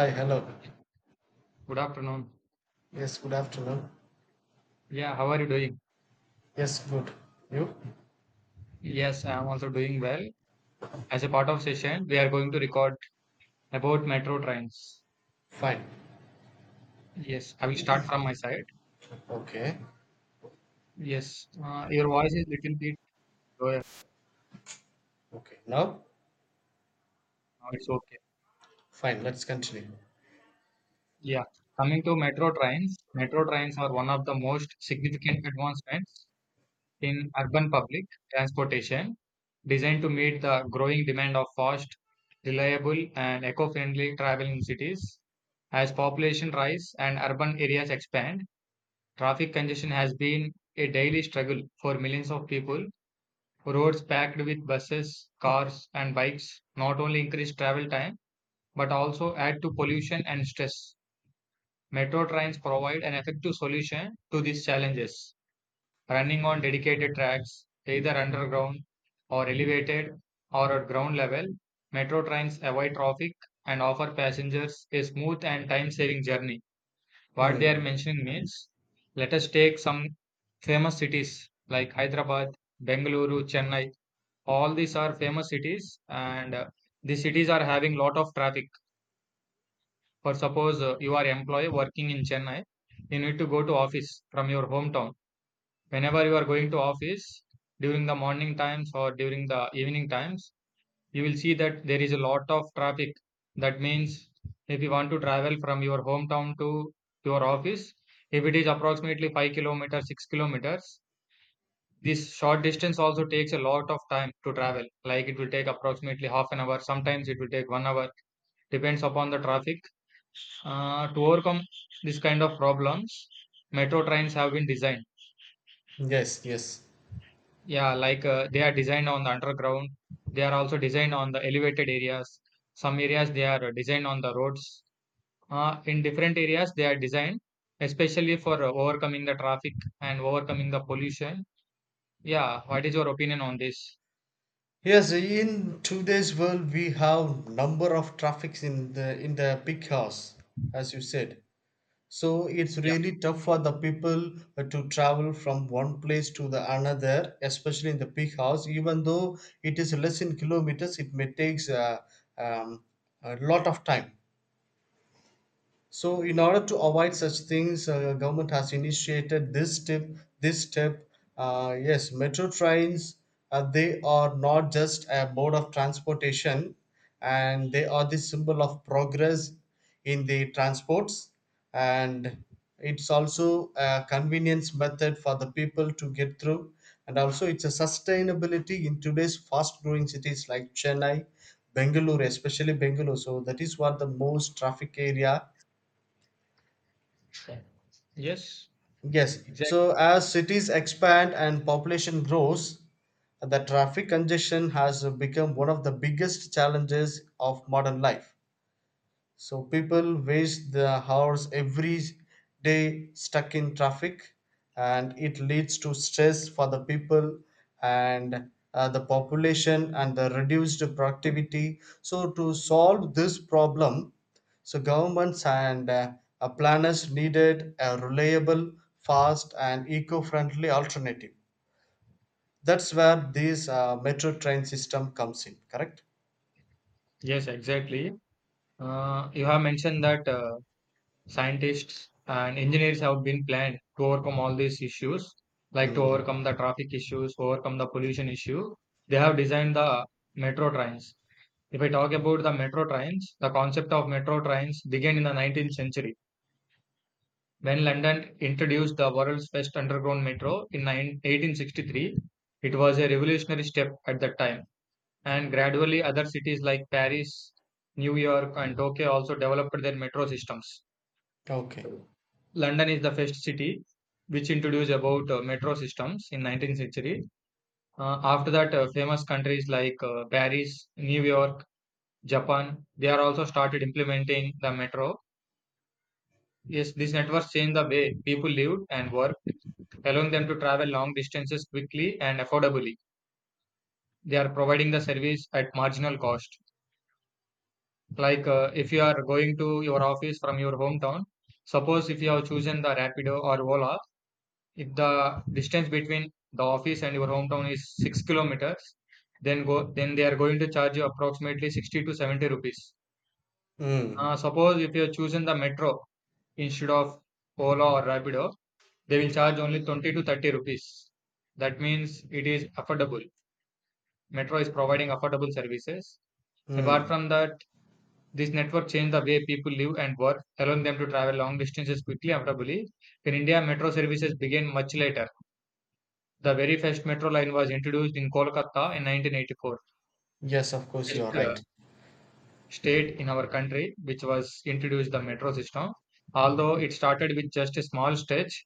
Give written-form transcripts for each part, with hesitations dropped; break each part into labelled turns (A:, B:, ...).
A: Hi, hello.
B: Good afternoon.
A: Yes, good afternoon.
B: Yeah, how are you doing?
A: Yes, good. You?
B: Yes, I am also doing well. As a part of session, we are going to record about metro trains.
A: Fine.
B: Yes, I will start from my side.
A: Okay.
B: Yes, your voice is little bit lower.
A: Okay. Now,
B: Now it's okay.
A: fine. Let's continue.
B: Yeah, coming to metro trains are one of the most significant advancements in urban public transportation, designed to meet the growing demand of fast, reliable, and eco-friendly travel in cities. As population rise and urban areas expand, traffic congestion has been a daily struggle for millions of people. Roads packed with buses, cars, and bikes not only increase travel time but also add to pollution and stress. Metro trains provide an effective solution to these challenges, running on dedicated tracks, either underground or elevated or at ground level. Metro trains avoid traffic and offer passengers a smooth and time saving journey what they are
A: Hmm.
B: mentioning means. Let us take some famous cities like Hyderabad, Bengaluru, Chennai. All these are famous cities, and the cities are having lot of traffic. For suppose you are employee working in Chennai, you need to go to office from your hometown. Whenever you are going to office during the morning times or during the evening times, you will see that there is a lot of traffic. That means if you want to travel from your hometown to your office, if it is approximately 5 kilometers, 6 kilometers, this short distance also takes a lot of time to travel. Like it will take approximately half an hour, sometimes it will take 1 hour, depends upon the traffic. To overcome this kind of problems, metro trains have been designed.
A: Yes, yes.
B: Yeah, like they are designed on the underground, they are also designed on the elevated areas. Some areas they are designed on the roads, in different areas they are designed, especially for overcoming the traffic and overcoming the pollution. Yeah, what is your opinion on this?
A: Yes, in today's world, we have number of traffics in the big house, as you said. So it's really tough for the people to travel from one place to the another, especially in the big house. Even though it is less in kilometers, it may takes um, a lot of time. So, in order to avoid such things, government has initiated this step. This step, yes, metro trains. They are not just a mode of transportation, and they are the symbol of progress in the transports. And it's also a convenience method for the people to get through, and also it's a sustainability in today's fast-growing cities like Chennai, Bengaluru, especially Bengaluru. So that is what the most traffic area.
B: Yeah, yes,
A: Yes.
B: exactly.
A: So as cities expand and population grows, the traffic congestion has become one of the biggest challenges of modern life. So people waste their hours every day stuck in traffic, and it leads to stress for the people and the population and the reduced productivity. So to solve this problem, so governments and planners needed a reliable, fast, and eco-friendly alternative. That's where this metro train system comes in. Correct?
B: Yes, exactly. You have mentioned that scientists and engineers have been planned to overcome all these issues, like to
A: Hmm.
B: overcome the traffic issues, overcome the pollution issue. They have designed the metro trains. If I talk about the metro trains, the concept of metro trains began in the 19th century. When London introduced the world's first underground metro in 9 1863, it was a revolutionary step at that time. And gradually, other cities like Paris, New York, and Tokyo also developed their metro systems.
A: Okay.
B: London is the first city which introduced about metro systems in 19th century. After that, famous countries like Paris, New York, Japan, they are also started implementing the metro. Yes, these networks changed the way people lived and worked, allowing them to travel long distances quickly and affordably. They are providing the service at marginal cost. Like if you are going to your office from your hometown, suppose if you have chosen the Rapido or Ola, if the distance between the office and your hometown is 6 kilometers, then they are going to charge you approximately 60 to 70 rupees.
A: Hmm.
B: Suppose if you have chosen the metro instead of Ola or Rapido, they will charge only 20 to 30 rupees. That means it is affordable. Metro is providing affordable services. Apart
A: Hmm.
B: from that, this network changed the way people live and work, allowing them to travel long distances quickly and affordably. In India, metro services began much later. The very first metro line was introduced in Kolkata in 1984,
A: Yes, of course,
B: first
A: you are right.
B: state in our country which was introduced the metro system. Although it started with just a small stretch,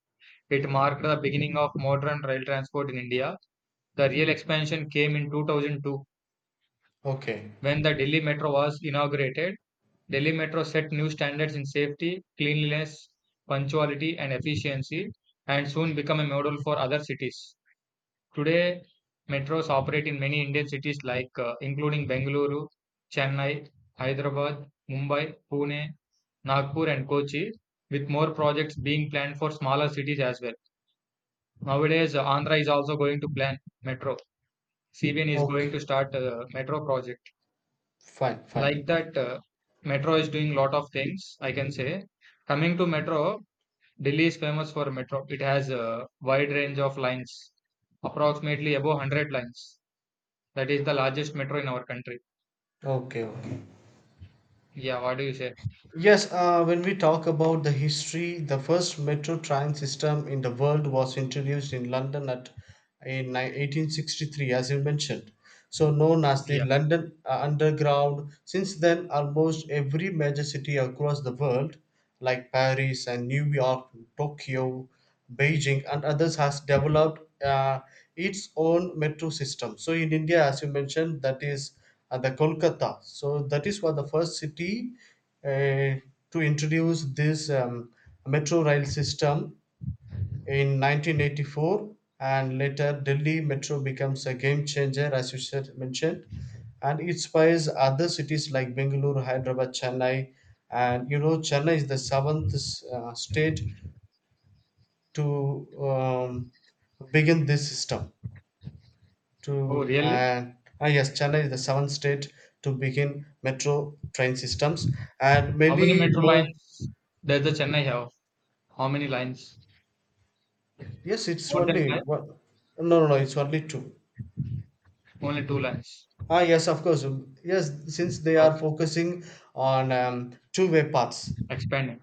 B: it marked the beginning of modern rail transport in India. The real expansion came in 2002
A: Okay.
B: when the Delhi Metro was inaugurated. Delhi Metro set new standards in safety, cleanliness, punctuality, and efficiency, and soon become a model for other cities. Today, metros operate in many Indian cities like, including Bengaluru, Chennai, Hyderabad, Mumbai, Pune, Nagpur, and Kochi, with more projects being planned for smaller cities as well. Nowadays, Andhra is also going to plan metro. CBN is going
A: Okay.
B: to start a metro project.
A: Fine,
B: Like
A: fine.
B: that, metro is doing lot of things, I can say. Coming to metro, Delhi is famous for metro. It has a wide range of lines, approximately above 100 lines. That is the largest metro in our country.
A: Okay, okay.
B: Yeah, what do you say?
A: Yes, when we talk about the history, the first metro train system in the world was introduced in London at in 1863, as you mentioned. So known as the
B: Yeah.
A: London Underground. Since then, almost every major city across the world, like Paris and New York, Tokyo, Beijing, and others, has developed its own metro system. So in India, as you mentioned, that is and the Kolkata. So that is what the first city uh, to introduce this metro rail system in 1984, and later Delhi metro becomes a game changer, as you said mentioned, and it inspires other cities like Bengaluru, Hyderabad, Chennai, and you know Chennai is the seventh state to begin this system.
B: Oh,
A: To
B: really?
A: Ah, yes, Chennai is the seventh state to begin metro train systems, and
B: How many
A: many
B: metro
A: more.
B: lines does the Chennai have? How many lines?
A: Yes, it's
B: More than
A: only
B: five?
A: one. No, no, no, it's only two.
B: Only two lines.
A: Ah, yes, of course. Yes, since they are
B: Okay.
A: focusing on two-way paths.
B: Expanding.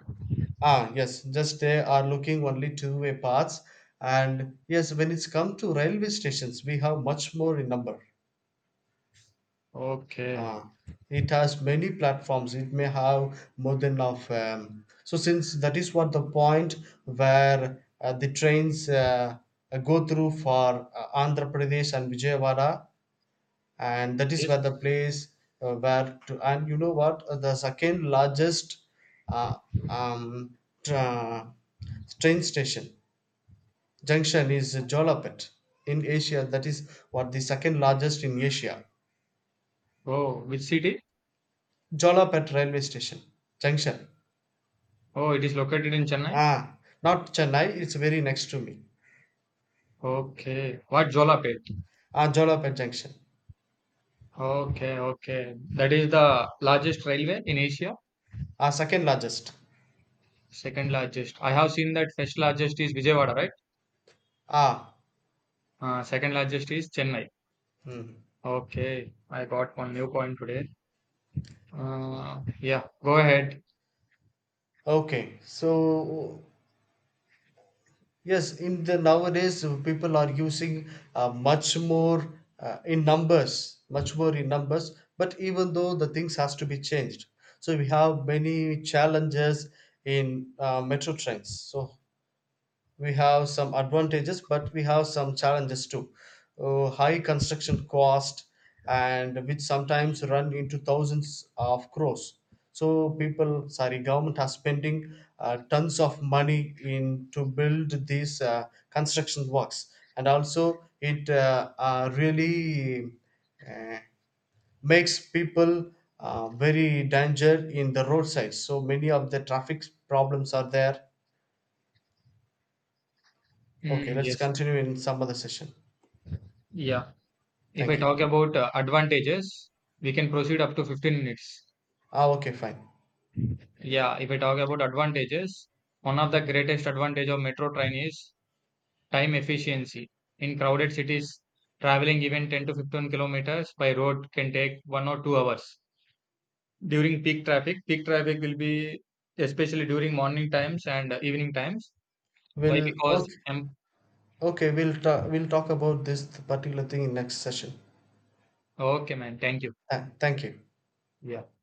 A: Ah, yes, just they are looking only two-way paths, and yes, when it's come to railway stations, we have much more in number.
B: Okay.
A: Ah, it has many platforms. It may have more than of. So since that is what the point where the trains go through for Andhra Pradesh and Vijayawada, and that is where the
B: Yes.
A: place where to, and you know what? The second largest uh, um, tra- train station junction is Jolapet in Asia. That is what the second largest in Asia.
B: Oh. Which city?
A: Jolapet railway station junction.
B: Oh, it is located in Chennai.
A: Ah, not Chennai, it's very next to me.
B: Okay, what, Jolapet?
A: Ah, Jolapet Junction.
B: Okay, okay. That is the largest railway in Asia.
A: Ah, second largest.
B: Second largest. I have seen that first largest is Vijayawada, right?
A: Ah,
B: Second largest is Chennai.
A: hmm.
B: Okay, I got one new point today. Yeah, go ahead.
A: Okay. So, yes, in the nowadays, people are using much more in numbers, much more in numbers, but even though the things has to be changed. So, we have many challenges in metro trains. So, we have some advantages but we have some challenges too. High construction cost and which sometimes run into thousands of crores, so people sorry government are spending tons of money in to build these construction works, and also it really uh, makes people very danger in the roadsides, so many of the traffic problems are there. Okay,
B: Mm,
A: let's
B: yes.
A: continue in some other session.
B: Yeah. If I
A: Thank you.
B: talk about advantages, we can proceed up to 15 minutes.
A: Ah, okay, fine.
B: Yeah, if I talk about advantages, one of the greatest advantage of metro train is time efficiency. In crowded cities, traveling even 10 to 15 kilometers by road can take 1 or 2 hours. During peak traffic will be, especially during morning times and evening times. Why?
A: We'll
B: Because,
A: okay, okay. We'll talk about this particular thing in next session.
B: okay, man, thank you.
A: Thank you.
B: Yeah.